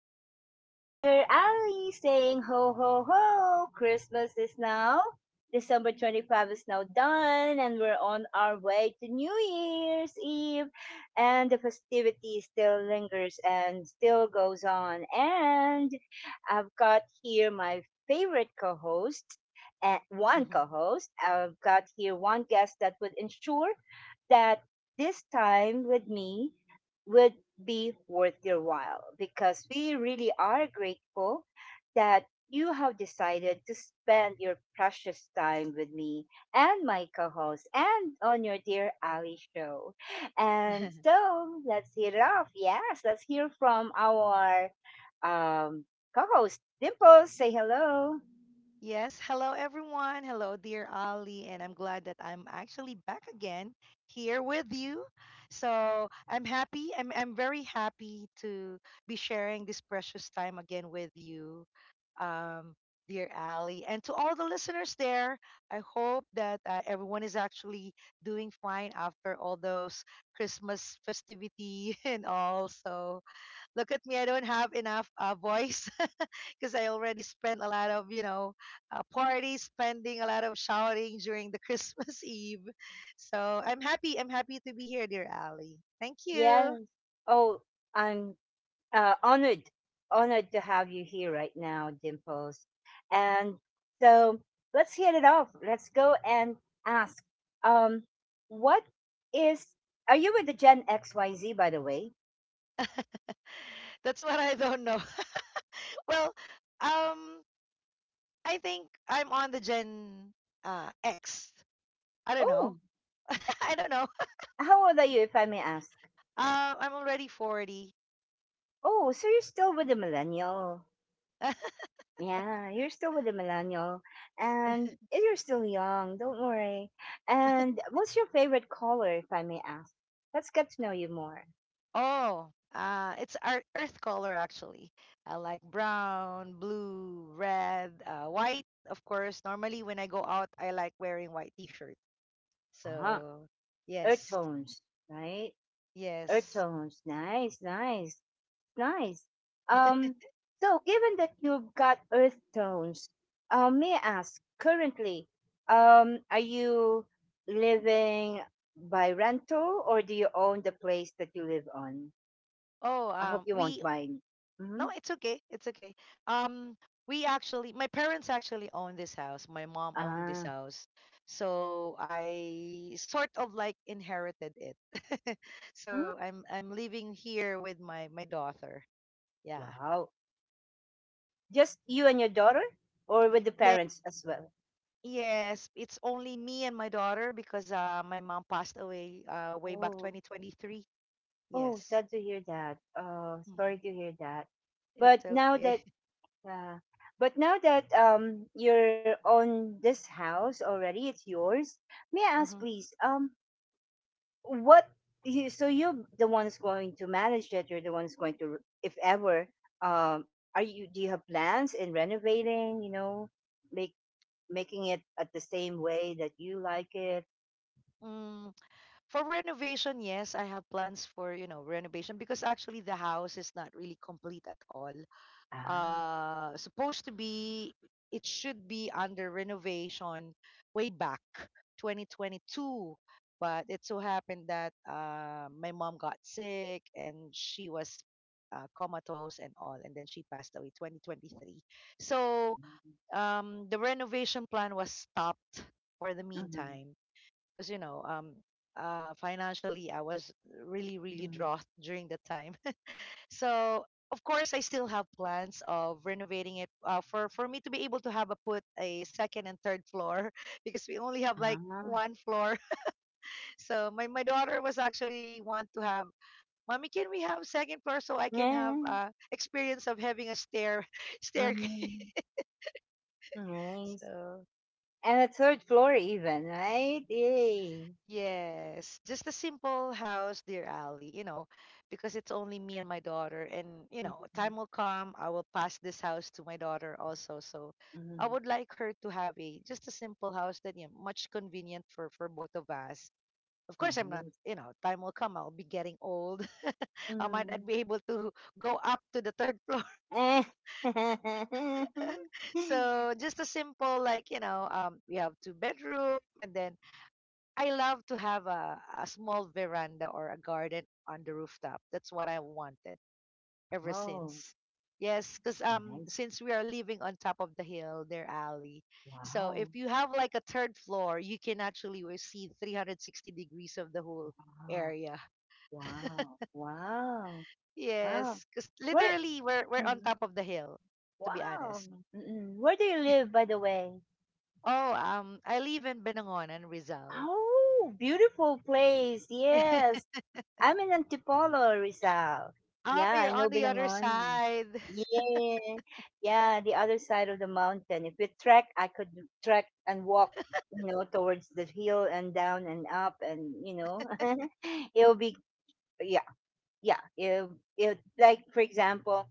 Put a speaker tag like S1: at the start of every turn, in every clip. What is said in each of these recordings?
S1: is your dear Ali saying ho, ho, ho! Christmas is now. December 25 is now done, and we're on our way to New Year's Eve. And the festivity still lingers and still goes on. And I've got here my favorite co host, and one
S2: Mhm.
S1: co host. I've got here one guest that would ensure that this time with me would be worth your while, because we really are grateful that you have decided to spend your precious time with me and my co host and on your dear Ali show. And so let's hear it off. Yes, let's hear from our um, co host, Dimple. Say hello.
S2: Yes, hello everyone. Hello, dear Ali, and I'm glad that I'm actually back again here with you. So I'm happy. I'm very happy to be sharing this precious time again with you, um, dear Ali, and to all the listeners there. I hope that everyone is actually doing fine after all those Christmas festivity and all. So look at me. I don't have enough voice. Because I already spent a lot of, parties, spending a lot of shouting during the Christmas Eve. So I'm happy. I'm happy to be here, dear Ali. Thank
S1: Yes.
S2: you.
S1: Oh, I'm honored, honored to have you here right now, Dimples. And so let's hit it off. Let's go and ask. Um, what is? Are you with the Gen XYZ, by the way?
S2: That's what I don't know. Well, um, I think I'm on the Gen X. I don't
S1: Oh,
S2: know. I don't know.
S1: how old are you, if I may ask?
S2: I'm already 40.
S1: Oh, so you're still with the millennial. Yeah, you're still with the millennial, and you're still young. Don't worry. And what's your favorite color, if I may ask? Let's get to know you more.
S2: Oh, it's our earth color actually. I like brown, blue, red, white, of course. Normally, when I go out, I like wearing white t-shirt.
S1: Uh huh.
S2: So,
S1: Earth
S2: yes,
S1: tones, right? Earth
S2: yes.
S1: tones. Nice, nice, nice. Um, so given that you've got earth tones, may I ask currently, are you living by rental, or do you own the place that you live on?
S2: Oh,
S1: I hope you won't
S2: we
S1: mind.
S2: no,
S1: Mm-hmm.
S2: it's okay, it's okay. Um, we actually, my parents actually own this house. My mom owned this
S1: Ah,
S2: house, so I sort of like inherited it.
S1: mm,
S2: So I'm living here with my daughter. Yeah.
S1: wow. Just you and your daughter, or with the
S2: Ye
S1: parents as well?
S2: Yes, it's only me and my daughter because my mom passed away way back
S1: Oh,
S2: 2023.
S1: oh,
S2: Yes.
S1: sad to hear that. Oh,
S2: Mhm.
S1: sorry to hear that.
S2: It's
S1: But now
S2: okay.
S1: that, yeah. But now that you're on this house already, it's yours. May I ask,
S2: Mhm.
S1: please, what you, so you're the one who's going to manage it, you're the one who's going to, if ever, are you, do you have plans in renovating, you know, make making it at the same way that you like it?
S2: Mm, for renovation, yes, I have plans for, you know, renovation because actually the house is not really complete at all.
S1: Ah.
S2: Uh, supposed to be, it should be under renovation way back 2022, but it so happened that my mom got sick, and she was comatose and all, and then she passed away 2023. So um, the renovation plan was stopped for the
S1: Mm-hmm.
S2: meantime, because you know um, uh, financially I was really, really
S1: Mhm.
S2: drought during the time. So of course, I still have plans of renovating it, for me to be able to have a put a second and third floor because we only have like
S1: Ah.
S2: one floor. So my daughter was actually want to have. Mommy, can we have second floor so I can have
S1: Yeah.
S2: experience of having a stair staircase?
S1: Mm-hmm. Nice.
S2: So
S1: And a third floor even, right? Yay.
S2: yes, just a simple house, dear Ali, you know, because it's only me and my daughter. And, you know,
S1: Mhm,
S2: time will come, I will pass this house to my daughter also. So I would like her to have a just a simple house that, you know, much convenient for both of us. Of course,
S1: mhm,
S2: I'm not,
S1: nice.
S2: you know, time will come, I'll be getting old. I might not
S1: Mm.
S2: be able to go up to the third floor. So just a simple, like, you know, we have two bedroom, and then I love to have a small veranda or a garden on the rooftop. That's what I wanted ever
S1: Oh,
S2: since. Yes, because
S1: nice.
S2: since we are living on top of the hill, their alley. So if
S1: Wow.
S2: you have like a third floor, you can actually will see 360 degrees of the whole
S1: Wow.
S2: area.
S1: Wow. Wow. Wow.
S2: Yes, because
S1: Where?
S2: literally we're on
S1: Mm,
S2: top of the hill. To be
S1: wow.
S2: honest.
S1: Mm-mm. Where do you live, by the way?
S2: Oh, I live in Benangonan, Rizal.
S1: Oh, beautiful place. Yes.
S2: Oh,
S1: I'm in Antipolo, Rizal. Yeah, I know
S2: you're on the other
S1: Binangonan.
S2: side.
S1: Yeah. Yeah, the other side of the mountain. If we trek, I could trek and walk, you know, towards the hill and down and up and, you know, it'll be, yeah, yeah. It'll, it like, for example,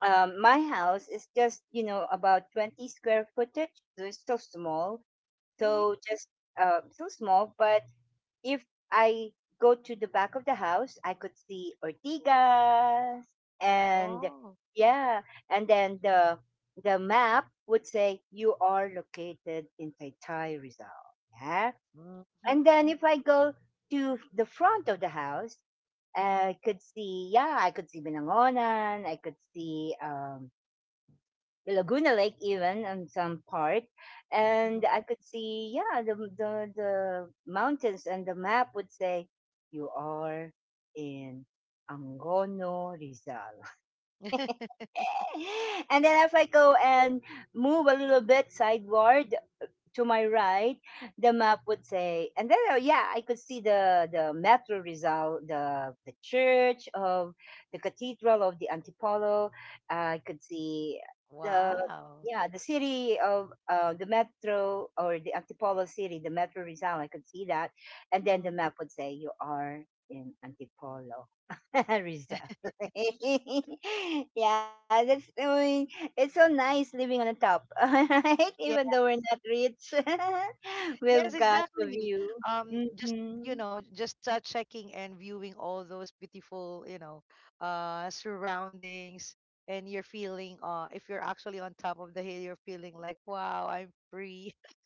S1: my house is just, you know, about 20 square footage. So it's so small.
S2: Hmm.
S1: So just so small, but if I go to the back of the house, I could see Ortigas and,
S2: Oh.
S1: yeah, and then the map would say you are located in Taytay, Rizal. Yeah,
S2: Mm-hmm.
S1: and then if I go to the front of the house, I could see, yeah, I could see Binangonan, I could see Laguna Lake even on some part,
S2: Mhm.
S1: and I could see, yeah, the mountains, and the map would say you are in Angono Rizal. And then if I go and move a little bit sideward, to my right, the map would say, and then yeah, I could see the Metro Rizal, the church of the Cathedral of the Antipolo. I could see the,
S2: Wow.
S1: yeah, the city of the Metro, or the Antipolo city, the Metro Rizal. I could see that, and then the
S2: Hmm.
S1: map would say you are in Antipolo. Rizal. Yeah, that's, it's so nice living on the top, right? Even
S2: Yeah,
S1: though we're not rich,
S2: yes,
S1: we've got the
S2: exactly.
S1: view.
S2: Just you
S1: Hmm.
S2: know, just checking and viewing all those beautiful, you know, surroundings, and you're feeling, if you're actually on top of the hill, you're feeling like, wow, I'm free.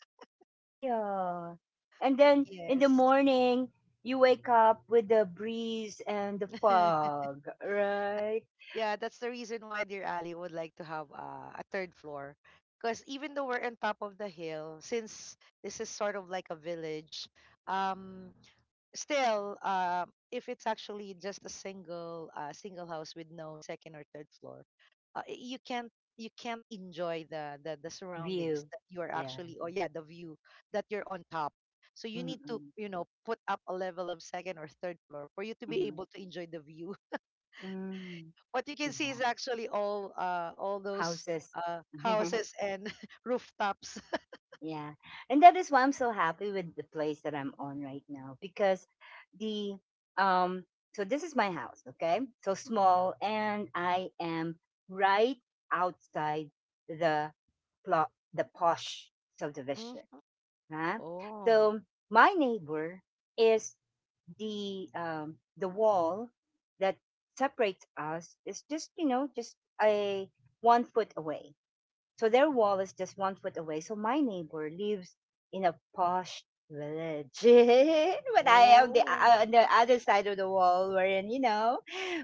S1: Yeah. And then in the
S2: Yes.
S1: morning, you wake up with the breeze and the fog, right?
S2: Yeah, that's the reason why Dear Ali would like to have a third floor. Because even though we're on top of the hill, since this is sort of like a village, um, still if it's actually just a single single house with no second or third floor, you can't, you can't enjoy the surroundings
S1: View.
S2: that you are
S1: Yeah.
S2: actually or yeah the view that you're on top. So you need to
S1: Mm-mm.
S2: you know put up a level of second or third floor for you to be
S1: Mm-hmm.
S2: able to enjoy the view.
S1: Mm.
S2: What you can see
S1: Yeah.
S2: is actually all those
S1: Houses.
S2: houses and rooftops.
S1: Yeah. And that is why I'm so happy with the place that I'm on right now, because the, um so this is my house, okay? So small, and I am right outside the plot, the posh subdivision.
S2: Mm.
S1: Huh?
S2: Oh.
S1: So my neighbor is the, the wall that separates us is just, you know, just a 1 foot away. So their wall is just 1 foot away. So my neighbor lives in a posh village, but I am the,
S2: Oh.
S1: on the other side of the wall, wherein, you know,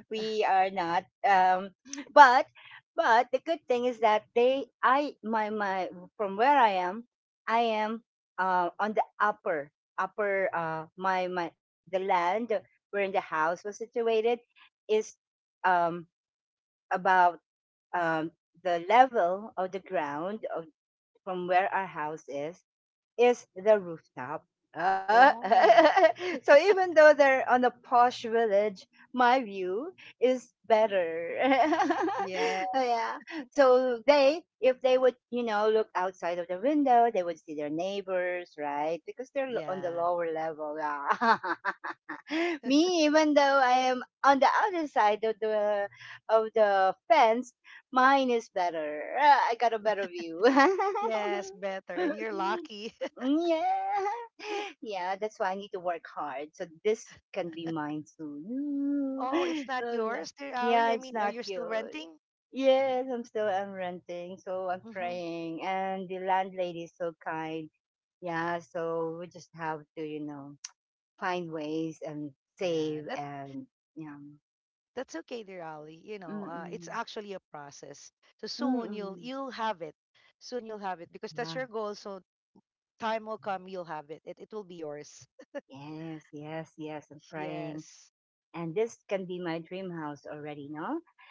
S1: we are not. But but the good thing is that they, I, from where I am on the upper, upper my my the land wherein the house was situated is, um about, um the level of the ground of, from where our house is the rooftop. Uh,
S2: Oh.
S1: so even though they're on a posh village, my view is better.
S2: Yeah.
S1: Oh, yeah. So they, if they would, you know, look outside of the window, they would see their neighbors, right? Because they're on the
S2: Yeah.
S1: lower level. Yeah. Me, even though I am on the other side of the fence, mine is better. Ah, I got a better view.
S2: Yes, better. And you're lucky.
S1: Yeah, yeah, that's why I need to work hard so this can be mine soon.
S2: Oh, it's not yours, dear Ali.
S1: Yeah,
S2: I
S1: it's
S2: mean, are
S1: not
S2: you still
S1: yours.
S2: renting?
S1: Yes, I'm still, I'm renting, so I'm
S2: Mm-hmm.
S1: praying, and the landlady is so kind. Yeah, so we just have to, you know, find ways and
S2: Yeah,
S1: save and, you know,
S2: that's okay, dear Ali. You know, it's
S1: mm-mm,
S2: actually a process. So soon you'll
S1: mm-mm.
S2: you'll have it. Soon you'll have it because that's
S1: Yeah,
S2: your goal. So time will come, you'll have it. It will be yours.
S1: yes, yes, yes, I'm praying,
S2: Yes,
S1: and this can be my dream house already, no,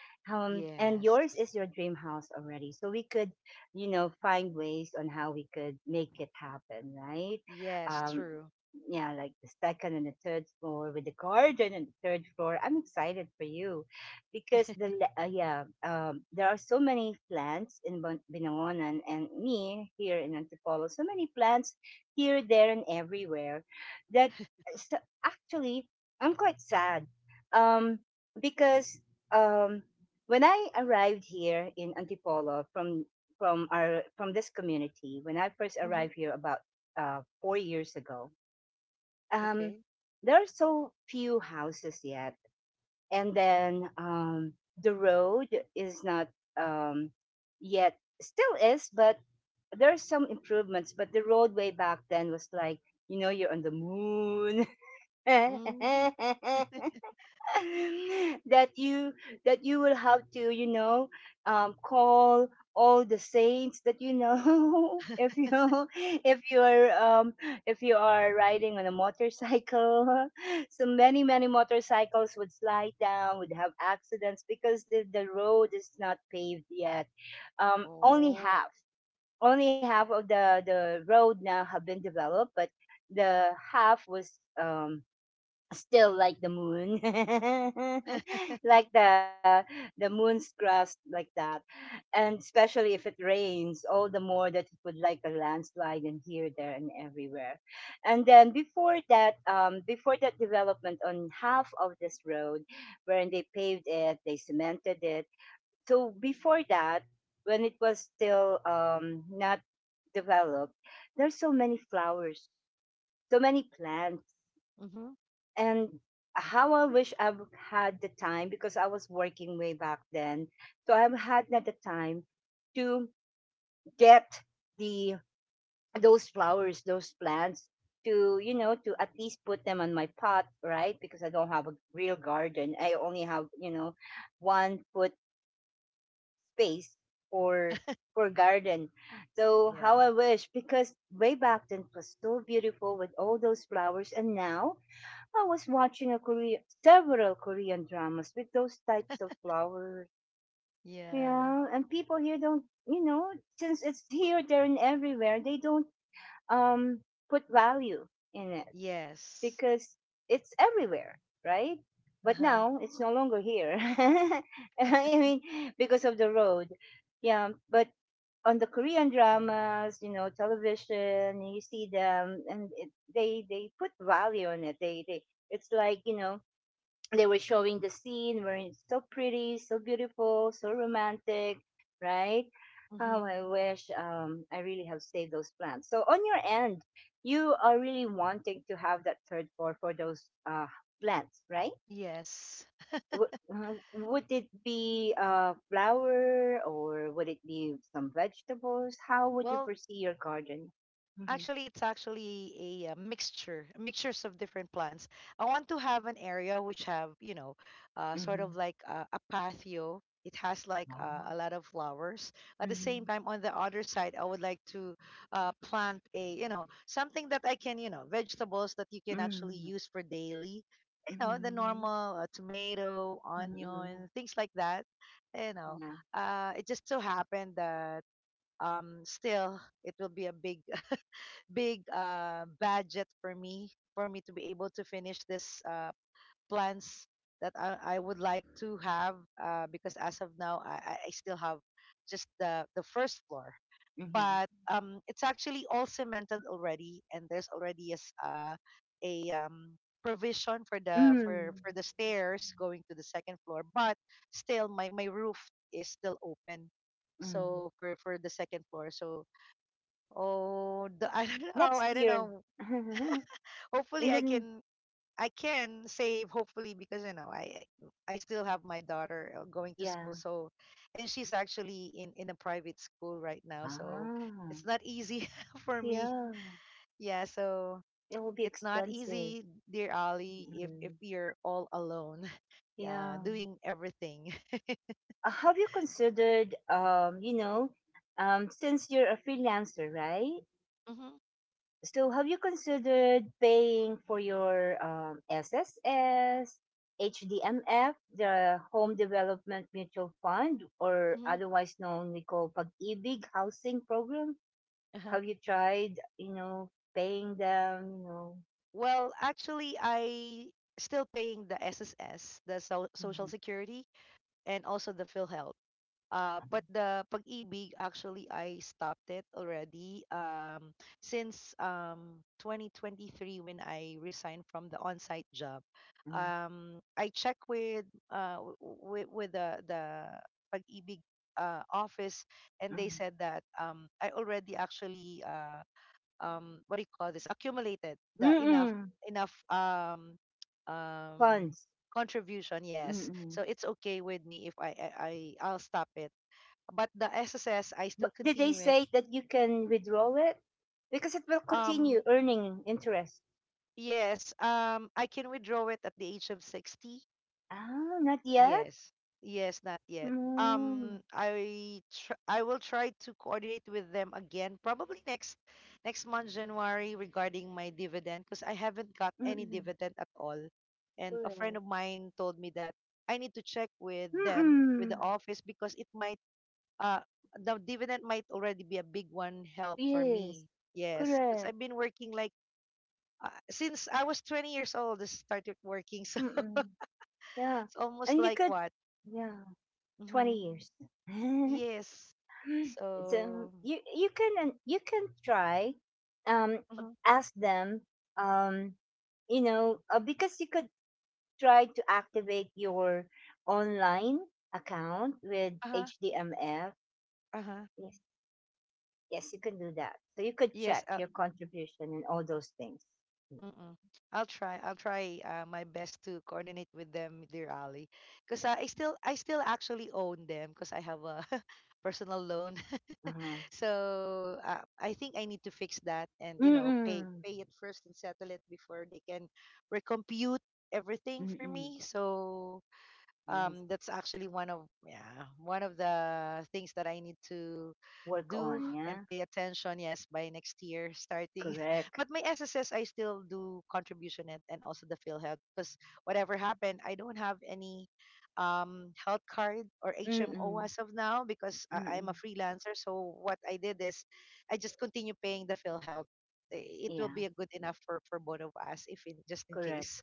S1: and
S2: yes,
S1: yours is your dream house already, so we could, you know, find ways on how we could make it happen, right?
S2: yes.
S1: um
S2: True.
S1: yeah, like the second and the third floor with the garden and the third floor, I'm excited for you because the yeah, there are so many plants in Binangonan, and me here in Antipolo, so many plants, here, there, and everywhere, that, so actually I'm quite sad, um because, um when I arrived here in Antipolo from our, from this community, when I first
S2: Mm-hmm.
S1: arrived here about 4 years ago, um,
S2: Okay.
S1: there are so few houses yet, and then the road is not, um, yet still is, but there are some improvements. But the road way back then was like, you know, you're on the moon.
S2: Mm-hmm.
S1: That you, that you will have to, you know, call all the saints that, you know, if you, if you are um, if you are riding on a motorcycle, so many motorcycles would slide down, would have accidents because the road is not paved yet, only
S2: Oh.
S1: half, only half of the road now have been developed, but the half was, still like the moon, like the moon's crust like that, and especially if it rains, all the more that it would like a landslide and here, there, and everywhere. And then before that, before that development on half of this road, when they paved it, they cemented it. So before that, when it was still, not developed, there's so many flowers, so many plants,
S2: Mm-hmm.
S1: and how I wish I've had the time, because I was working way back then. So I've had not the time to get the, those flowers, those plants, to, you know, to at least put them on my pot, right? Because I don't have a real garden. I only have, you know, 1 foot space for, garden. So
S2: Yeah.
S1: how I wish, because way back then it was so beautiful with all those flowers, and now I was watching a Korea, several Korean dramas with those types of flowers.
S2: Yeah.
S1: Yeah, and people here don't, you know, since it's here, there, and everywhere, they don't um put value in it,
S2: Yes.
S1: because it's everywhere, right?
S2: Uh
S1: But
S2: huh.
S1: now it's no longer here. I mean, because of the road. Yeah, but on the Korean dramas, you know, television, you see them, and it, they put value on it. They it's like, you know, they were showing the scene where it's so pretty, so beautiful, so romantic, right? Oh,
S2: Mm-hmm.
S1: I wish, I really have saved those plants. So on your end, you are really wanting to have that third floor for those plants, right?
S2: Yes.
S1: Would it be a flower, or would it be some vegetables? How would you
S2: Well,
S1: foresee your garden? Mhm,
S2: actually, it's actually a, mixture, mixtures of different plants. I want to have an area which have, you know, sort of
S1: mhm.
S2: like a patio. It has like
S1: Ah,
S2: a lot of flowers. At the same
S1: mhm,
S2: time, on the other side, I would like to plant a, you know, something that I can, you know, vegetables that you can actually
S1: mhm,
S2: use for daily. You know, the
S1: mhm,
S2: normal tomato,
S1: mhm,
S2: onion, things like that. You know,
S1: mhm, yeah,
S2: it just so happened that still it will be a big budget for me, for me to be able to finish this plans that I would like to have, because as of now I still have just the first floor, but
S1: mhm.
S2: it's actually all cemented already, and there's already a, a um, provision
S1: Mm.
S2: for the stairs going to the second floor, but still my, my roof is still open
S1: Mm.
S2: so for the second floor so oh, the, I don't know.
S1: Next
S2: I don't
S1: year.
S2: know. Hopefully,
S1: And
S2: I
S1: then,
S2: can. I can save. Hopefully, because you know, I still have my daughter going to school.
S1: yeah.
S2: So, and she's actually in a private school right now. So,
S1: Ah,
S2: it's not easy for me.
S1: yeah.
S2: Yeah. So
S1: It will be
S2: it's not
S1: expensive.
S2: easy, dear Ali, if
S1: Mm.
S2: you're all alone, yeah,
S1: Yeah.
S2: doing everything.
S1: Have you considered, you know, since you're a freelancer, right?
S2: Mm-hmm,
S1: So have you considered paying for your SSS, HDMF, the Home Development Mutual Fund, or
S2: mm-hmm,
S1: otherwise known we call Pag-ibig Housing Program?
S2: uh-huh.
S1: Have you tried, you know, paying them, you know,
S2: Well, actually, I still paying the SSS, the so social
S1: mm,
S2: security, and also the PhilHealth. But the pag-ibig actually I stopped it already since 2023, when I resigned from the on-site job.
S1: mm,
S2: I check with with the pag-ibig office, and they said that I already actually what do you call this accumulated
S1: mm,
S2: the enough
S1: mm,
S2: enough um
S1: funds?
S2: contribution. Yes,
S1: Mm-mm.
S2: so it's okay with me if I'll stop it, but the sss I still
S1: But did they
S2: continue it.
S1: say that you can withdraw it? Because it will continue
S2: Um,
S1: earning interest.
S2: yes um, I can withdraw it at the age of 60.
S1: Ah, not yet?
S2: Yes. Yes, not yet.
S1: Mm,
S2: I will try to coordinate with them again, probably next month, January, regarding my dividend, because I haven't got any
S1: mm-mm,
S2: dividend at all. And a friend
S1: correct.
S2: of mine told me that I need to check with them,
S1: Mm-mm,
S2: with the office, because it might uh the dividend might already be a big one help for me.
S1: yes,
S2: Yes, because
S1: correct.
S2: I've been working like since I was 20 years old, I started working, so
S1: Mm-mm, yeah.
S2: it's almost
S1: And you
S2: like
S1: could,
S2: what?
S1: yeah, 20
S2: Mm-hmm.
S1: years.
S2: Yes.
S1: So
S2: So,
S1: you can try, um
S2: mhm,
S1: ask them, um because you could try to activate your online account with
S2: uh-huh,
S1: HDMF.
S2: uh-huh.
S1: Yes, yes, you can do that, so you could
S2: Yes,
S1: check
S2: I'll,
S1: your contribution and all those things. Mm.
S2: mm-mm. I'll try. I'll try my best to coordinate with them, dear Ali, because
S1: Yeah.
S2: I still actually own them because I have a personal loan.
S1: Uh-huh.
S2: So I think I need to fix that and you know pay
S1: Mm-mm.
S2: pay it first and settle it before they can recompute everything for
S1: Mm-mm.
S2: me. So
S1: Yes.
S2: that's actually one of yeah one of the things that I need to
S1: Work
S2: do
S1: on,
S2: and
S1: yeah?
S2: pay attention yes by next year starting.
S1: Correct.
S2: But my sss I still do contribution it and also the field health, because whatever happened I don't have any health card or hmo
S1: Mm-mm.
S2: as of now, because I'm a
S1: Mm-mm.
S2: freelancer, so what I did is I just continue paying the field health. It will
S1: Yeah,
S2: be a good enough for both of us if in just in
S1: correct.
S2: case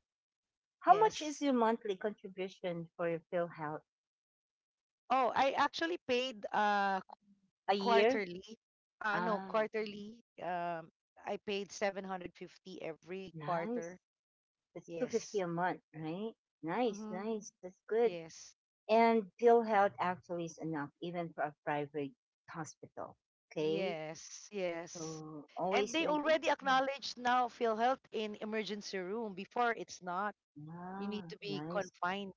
S1: How much is
S2: yes.
S1: your monthly contribution for your PhilHealth?
S2: Oh, I actually paid
S1: A year?
S2: quarterly. No,
S1: Ah,
S2: quarterly. Um, I paid 750 every
S1: nice.
S2: quarter.
S1: That's 250
S2: Yes.
S1: a month, right? Nice,
S2: Mm-hmm.
S1: nice. That's good.
S2: Yes.
S1: And PhilHealth actually is enough even for a private hospital. Okay,
S2: Yes. Yes.
S1: so
S2: And
S1: always
S2: they
S1: make it.
S2: already
S1: Mm.
S2: acknowledged now PhilHealth in emergency room. Before it's not. You need
S1: Ah,
S2: to be
S1: nice.
S2: confined.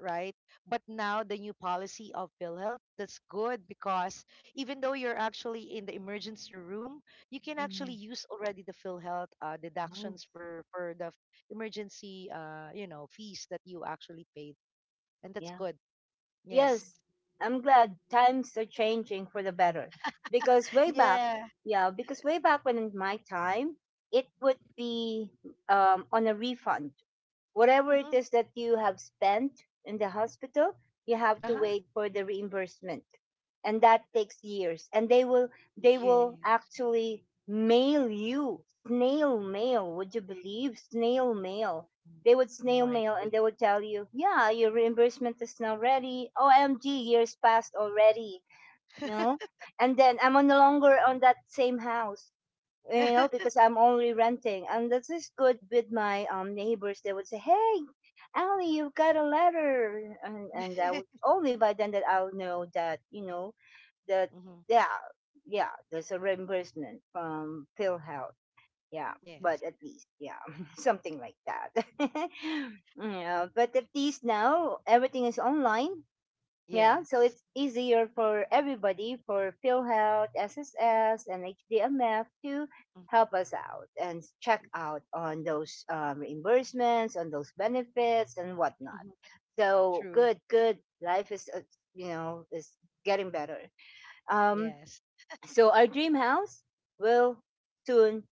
S2: Right? But now the new policy of PhilHealth, that's good because even though you're actually in the emergency room, you can actually
S1: Hmm.
S2: use already the PhilHealth
S1: Nice.
S2: deductions for the emergency, you know, fees that you actually paid. And that's
S1: Yeah.
S2: good. Yes.
S1: Yes, I'm glad times are changing for the better. Because way back,
S2: Yeah.
S1: yeah, because way back when in my time, it would be, on a refund. Whatever it
S2: Hmm.
S1: is that you have spent in the hospital, you have to
S2: Uh-huh.
S1: wait for the reimbursement. And that takes years. And they will they
S2: Yeah.
S1: will actually mail you snail mail. Would you believe snail mail? They would
S2: Mm.
S1: snail
S2: My
S1: mail
S2: good.
S1: and they would tell you, yeah, your reimbursement is now ready. OMG, years passed already. You know? And then I'm no longer on that same house, because I'm only renting. And this is good with my neighbors. They would say, hey, Ali, you've got a letter. And I would, only by then that I'll know that,
S2: Hmm.
S1: yeah, yeah, there's a reimbursement from PhilHealth, yeah. But
S2: Yes.
S1: at least, yeah. Something like that. Yeah, but at least now everything is online, yeah, so
S2: Yes.
S1: it's easier for everybody for PhilHealth, SSS, and HDMF to
S2: Mm-hmm.
S1: help us out and check out on those reimbursements, on those benefits and whatnot.
S2: Mm-hmm.
S1: So
S2: True.
S1: good life is you know is getting better, um
S2: Yes.
S1: so our dream house will soon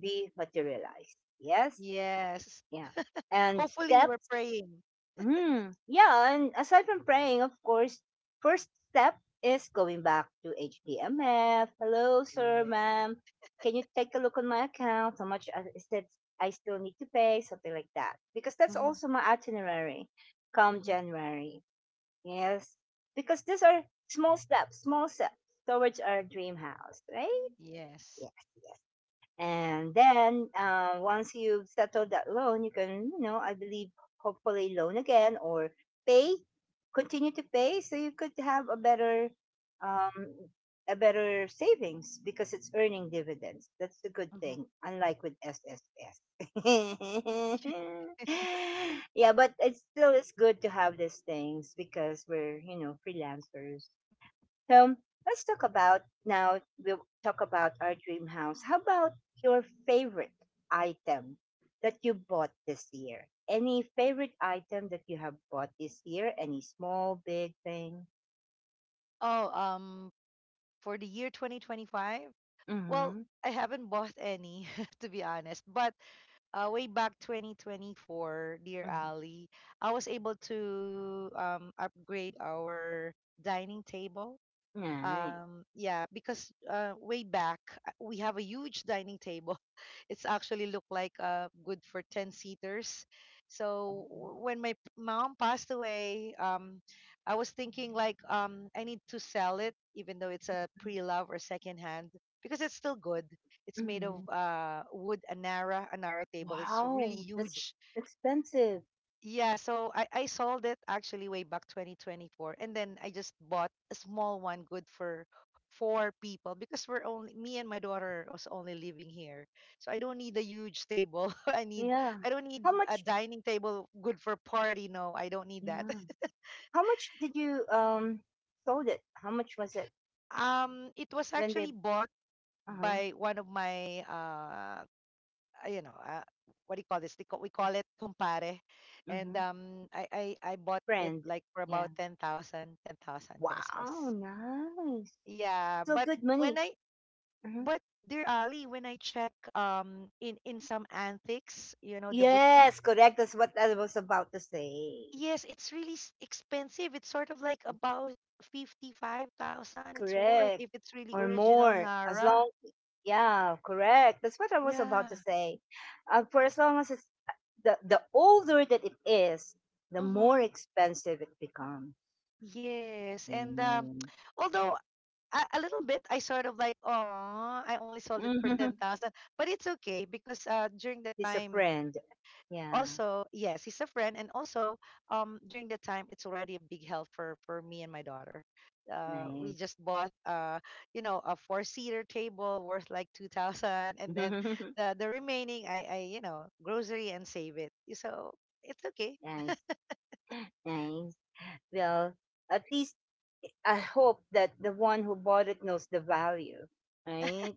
S1: be materialized. Yes?
S2: Yes.
S1: Yeah. And
S2: Hopefully you were
S1: steps?
S2: praying.
S1: Hmm. Yeah. And aside from praying, of course, first step is going back to HTMF. Hello, sir,
S2: Yeah.
S1: ma'am. Can you take a look on my account? How much is that I still need to pay? Something like that. Because that's
S2: Mm-hmm.
S1: also my itinerary come
S2: Mm-hmm.
S1: January. Yes. Because these are small steps towards our dream house, right?
S2: Yes.
S1: Yes. Yes. And then, once you've settled that loan, you can, I believe, hopefully loan again or pay, continue to pay, so you could have um, a better savings because it's earning dividends. That's the good
S2: Mm-hmm.
S1: thing, unlike with SSS. Yeah, but it still is good to have these things because we're, freelancers, so let's talk about now. We'll talk about our dream house. How about your favorite item that you bought this year? Any favorite item that you have bought this year? Any small, big thing?
S2: Oh, for the year 2025, well,
S1: Mm-hmm.
S2: I haven't bought any, to be honest. But way back 2024, dear
S1: Mm-hmm.
S2: Ali, I was able to upgrade our dining table.
S1: Nice.
S2: Yeah, because way back we have a huge dining table. It's actually look like good for ten seaters. So when my mom passed away, I was thinking like I need to sell it, even though it's a pre-love or second hand, because it's still good. It's made of
S1: Mm-hmm.
S2: wood, Anara, Anara table. It's really
S1: Wow, that's
S2: huge.
S1: expensive.
S2: Yeah, so I sold it actually way back 2024, and then I just bought a small one good for four people because we're only me and my daughter was only living here. So I don't need a huge table.
S1: Yeah.
S2: I don't need
S1: How
S2: a
S1: much?
S2: dining table good for party. No, I don't need that.
S1: Yeah. How much did you sold it? How much was it
S2: Um, it was
S1: when they?
S2: actually bought
S1: Uh huh.
S2: by one of my you know, what do you call this? We call it compare. And
S1: Mm-hmm.
S2: I bought it
S1: Friend.
S2: like for about 10,000, ten thousand
S1: Wow,
S2: pesos.
S1: nice.
S2: Yeah,
S1: So
S2: but
S1: good
S2: when
S1: money.
S2: I,
S1: Mhm.
S2: but dear Ali, when I check in some antiques, you know, the boutique,
S1: Yes, correct. That's what I was about to say.
S2: yes, it's really expensive. It's sort of like about 55,000. It's worth
S1: Correct.
S2: if it's really
S1: Or
S2: original
S1: more. As
S2: Nara.
S1: long, yeah, correct. That's what I was about to
S2: Yeah.
S1: say. For as long as it's the older that it is, the more
S2: Mm-hmm.
S1: expensive it becomes.
S2: Yes, and
S1: Mm.
S2: although a little bit I sort of like, oh, I only sold it for
S1: Mhm.
S2: 10,000. But it's okay because during the
S1: He's a
S2: time
S1: friend. Yeah,
S2: also, yes, he's a friend and also during the time it's already a big help for me and my daughter. We
S1: nice.
S2: just bought you know a four seater table worth like 2,000, and then the remaining I you know grocery and save it. So it's okay.
S1: Nice, nice. Well, at least I hope that the one who bought it knows the value, right?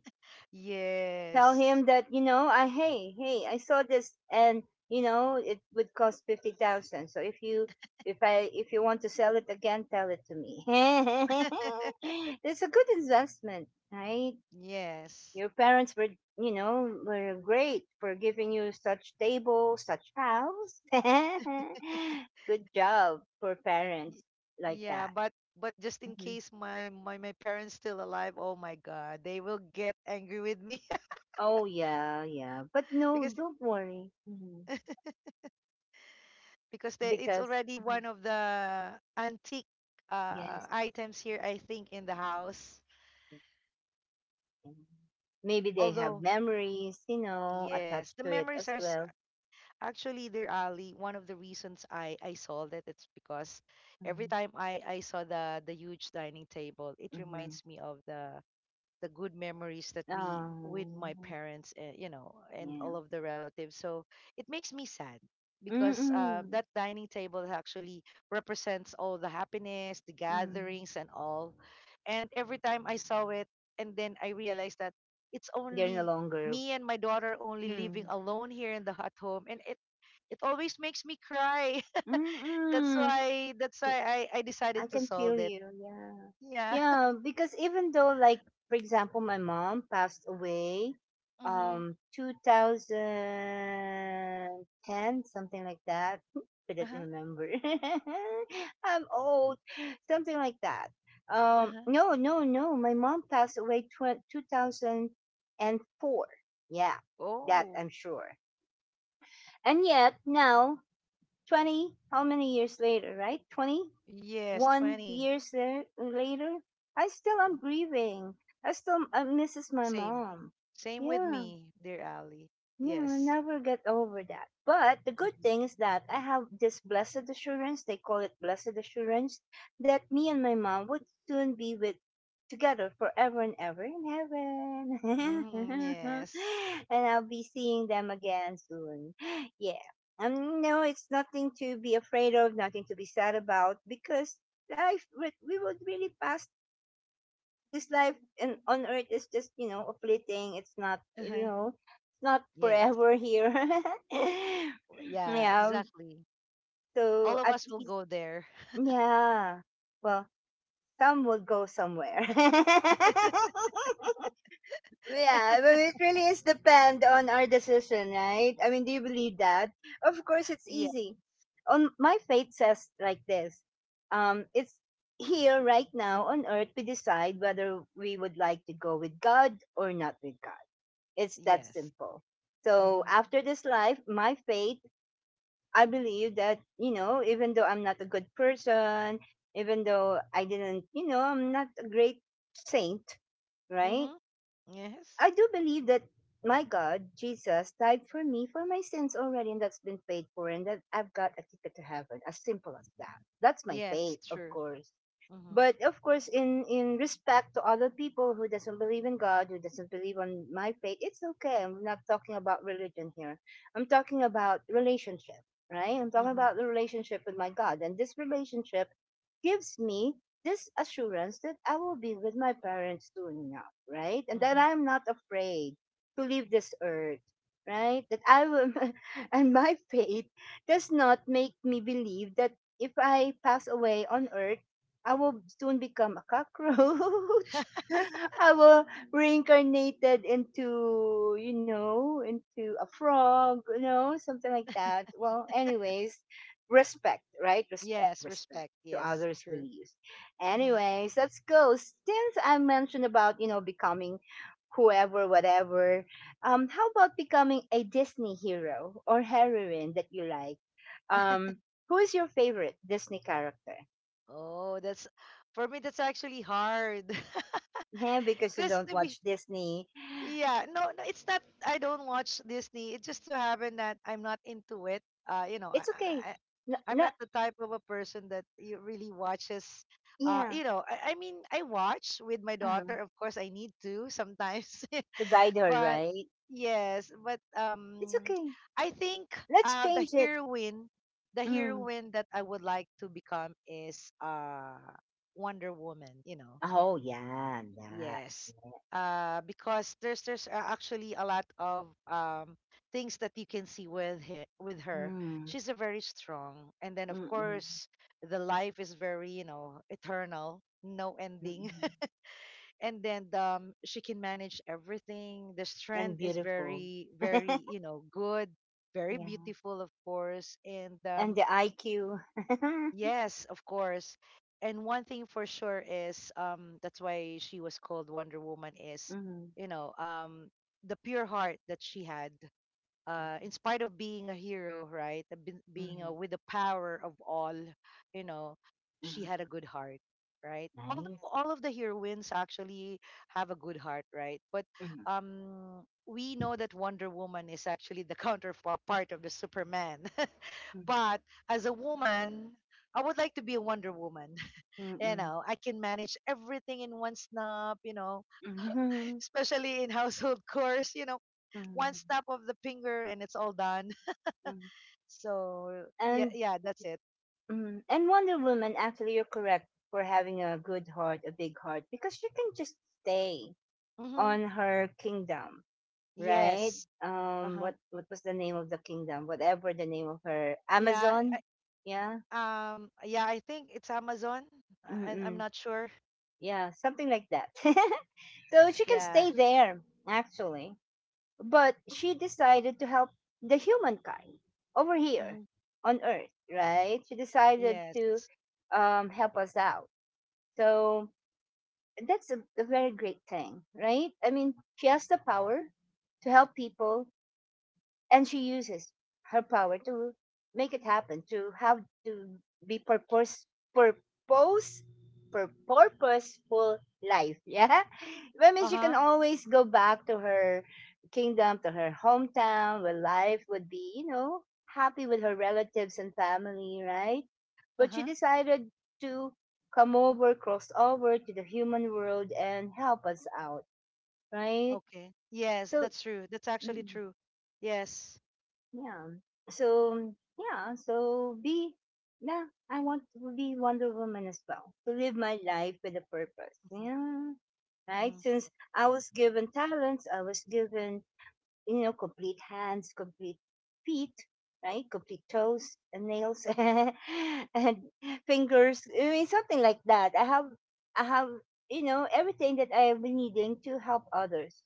S1: Tell
S2: Yes.
S1: him that, I, hey, hey, I saw this, and you know it would cost 50,000. So if you want to sell it again, tell it to me. It's a good investment, right?
S2: Yes.
S1: Your parents were great for giving you such table, such house. Good job for parents
S2: Y-
S1: like
S2: Yeah,
S1: that.
S2: but just in
S1: Mhm.
S2: case my parents still alive, oh my God, they will get angry with me.
S1: Oh, yeah, yeah. But no,
S2: because
S1: don't worry. Mhm.
S2: because they, it's
S1: Because
S2: already
S1: Mhm.
S2: one of the antique
S1: Yes,
S2: items here, I think, in the house.
S1: yeah. Maybe they have
S2: Although,
S1: memories,
S2: yes,
S1: attached
S2: the
S1: to it
S2: memories
S1: as
S2: are
S1: well.
S2: actually there, Ali. One of the reasons I sold it, it's because every
S1: Mhm.
S2: time I saw the huge dining table, it
S1: Mm-hmm.
S2: reminds me of the good memories that we with my
S1: Oh,
S2: parents you know, and
S1: yeah.
S2: all of the relatives, so it makes me sad because
S1: Mm-mm.
S2: that dining table actually represents all the happiness, the
S1: Mm.
S2: gatherings and all. And every time I saw it and then I realized that it's
S1: They're no
S2: only
S1: longer.
S2: me and my daughter only living
S1: Mm.
S2: alone here in the hut home, and it always makes me cry. that's
S1: Mm-mm.
S2: why that's why I
S1: I
S2: decided to
S1: can feel
S2: solve it.
S1: you. Yeah.
S2: Yeah.
S1: Yeah, because even though, like, for example, my mom passed away
S2: Mm-hmm.
S1: 2010, something like that. Couldn't
S2: Uh-huh.
S1: remember. I'm old. Something like that.
S2: Uh-huh.
S1: No, no, no. My mom passed away, 2004. Yeah. That
S2: Oh.
S1: I'm sure. And yet now 20, how many years later, right? 20
S2: Yes,
S1: one
S2: 20.
S1: years later, I still am grieving. I misses my
S2: Same.
S1: mom.
S2: Same with
S1: Yeah.
S2: me, dear Ali.
S1: Yeah, I'll
S2: Yes.
S1: never get over that. But the good thing
S2: Mm-hmm.
S1: is that I have this blessed assurance, they call it blessed assurance, that me and my mom would soon be with together forever and ever in
S2: Mm-hmm.
S1: heaven.
S2: Yes.
S1: And I'll be seeing them again soon. Yeah. No, it's nothing to be afraid of, nothing to be sad about because we would really pass this life on earth. Is just, a fleeting, it's not you
S2: Uh-huh.
S1: know it's not
S2: Yes.
S1: forever here.
S2: Yeah,
S1: Yeah,
S2: exactly. All
S1: so
S2: of
S1: at
S2: us will
S1: least.
S2: go there.
S1: Yeah. Well, some will go somewhere. Yeah, but it really is depend on our decision, right? I mean, do you believe that? Of course, it's
S2: Yeah.
S1: easy. On my faith says like this. It's Here right now on earth we decide whether we would like to go with God or not with God. It's that
S2: Yes.
S1: simple. So
S2: Mm-hmm.
S1: after this life, my faith, I believe that, even though I'm not a good person, even though I didn't, I'm not a great saint, right?
S2: Mm-hmm. Yes.
S1: I do believe that my God, Jesus, died for me for my sins already, and that's been paid for, and that I've got a ticket to heaven. As simple as that. That's my
S2: Yes,
S1: faith, of
S2: true.
S1: course.
S2: Mm-hmm.
S1: But of course, in respect to other people who doesn't believe in God, who doesn't believe on my faith, it's okay. I'm not talking about religion here. I'm talking about relationship, right? I'm talking
S2: Mm-hmm.
S1: about the relationship with my God, and this relationship gives me this assurance that I will be with my parents soon enough, right? And that
S2: Mm-hmm.
S1: I'm not afraid to leave this earth, right? That I will. And my faith does not make me believe that if I pass away on earth, I will soon become a cockroach. I will reincarnated into a frog, something like that. Well, anyways, respect, right? Respect,
S2: Yes,
S1: respect
S2: respect.
S1: to
S2: Yes,
S1: others'
S2: true.
S1: beliefs.
S2: Mm-hmm.
S1: Anyways, let's go. Since I mentioned about, becoming whoever, whatever, how about becoming a Disney hero or heroine that you like? Um, who is your favorite Disney character?
S2: Oh, that's for me that's actually hard.
S1: Yeah, because you
S2: Because
S1: don't
S2: to be
S1: watch Disney.
S2: Yeah, no, no, it's not. I don't watch Disney. It just so happened that I'm not into it. Uh, you know, I,
S1: It's okay.
S2: I,
S1: No,
S2: I am
S1: no.
S2: not the type of a person that you really watches.
S1: Yeah.
S2: I watch with my
S1: uh
S2: daughter. Of course, I need to sometimes,
S1: To guide her,
S2: but
S1: right?
S2: yes, but
S1: It's okay.
S2: I think
S1: Let's
S2: uh, the
S1: change it.
S2: heroine, the
S1: Mm.
S2: heroine that I would like to become is Wonder Woman. You know,
S1: Oh, yeah, that.
S2: yes.
S1: Yeah.
S2: Because There's actually a lot of things that you can see with her.
S1: Mm.
S2: She's a very strong, and then of
S1: Mm-mm.
S2: course the life is very, you know, eternal, no ending.
S1: Mm-mm.
S2: And then she can manage everything. The
S1: And
S2: strength is
S1: beautiful.
S2: very
S1: Yeah.
S2: very you know, good, very beautiful of course, and
S1: And the IQ. Mm.
S2: yes, of course. And one thing for sure is that's why she was called Wonder Woman is,
S1: Mm.
S2: you know, the pure heart that she had. Uh, in spite of being a hero, right? Being with the power of all, you know, she
S1: Mm.
S2: had a good heart, right?
S1: Nice.
S2: Although all of the heroines actually have a good heart, right? But
S1: Mm.
S2: we know that Wonder Woman is actually the counterpart of the Superman.
S1: Mm.
S2: But as a woman, I would like to be a Wonder Woman. You
S1: Mm.
S2: know, I can manage everything in one snap, you know,
S1: Mm.
S2: especially in household chores, you know,
S1: Mm.
S2: one snap of the finger and it's all done.
S1: Mm.
S2: So, yeah,
S1: And
S2: yeah, that's it.
S1: Mm. And Wonder Woman, actually, you're correct for having a good heart, a big heart, because she can just stay
S2: Mhm.
S1: on her kingdom, right?
S2: Yes. Uh-huh.
S1: What was the name of the kingdom? Whatever the name of her
S2: Yeah,
S1: Amazon, yeah.
S2: yeah, I think it's Amazon. I'm
S1: Mm,
S2: not sure.
S1: yeah, something like that. So she can
S2: Yeah.
S1: stay there, actually. But she decided to help the humankind over here
S2: Mhm.
S1: on Earth, right? She decided to,
S2: Yes.
S1: help us out. So that's a very great thing, right? I mean, she has the power to help people, and she uses her power to make it happen, to have to be purpose purposeful life. Yeah. I mean, she can
S2: Uh-huh.
S1: always go back to her kingdom, to her hometown, where life would be, happy with her relatives and family, right? But she
S2: Uh-huh.
S1: decided to come over cross over to the human world and help us out, right?
S2: Okay. Yes,
S1: So.
S2: that's true. That's actually
S1: Mm.
S2: true. Yes.
S1: Yeah. So, yeah. So be. Yeah. I want to be Wonder Woman as well. To live my life with a purpose.
S2: Mhm.
S1: Yeah. Right.
S2: Mhm.
S1: Since I was given talents, I was given, complete hands, complete feet, right? Complete toes and nails and fingers. I mean, something like that. I have everything that I have been needing to help others.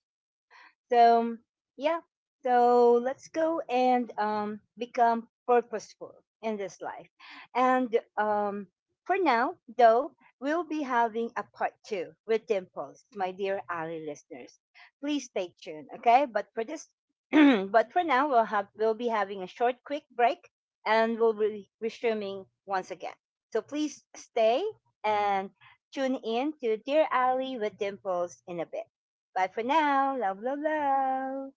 S1: So, yeah, so let's go and, become purposeful in this life. And, for now, though, we'll be having a part two with Dimples, my dear Ali listeners. Please stay tuned, okay? But for this, but for now, we'll be having a short, quick break, and we'll be resuming once again. So please stay and tune in to Dear Ali with Dimples in a bit. Bye for now. Love, love, love.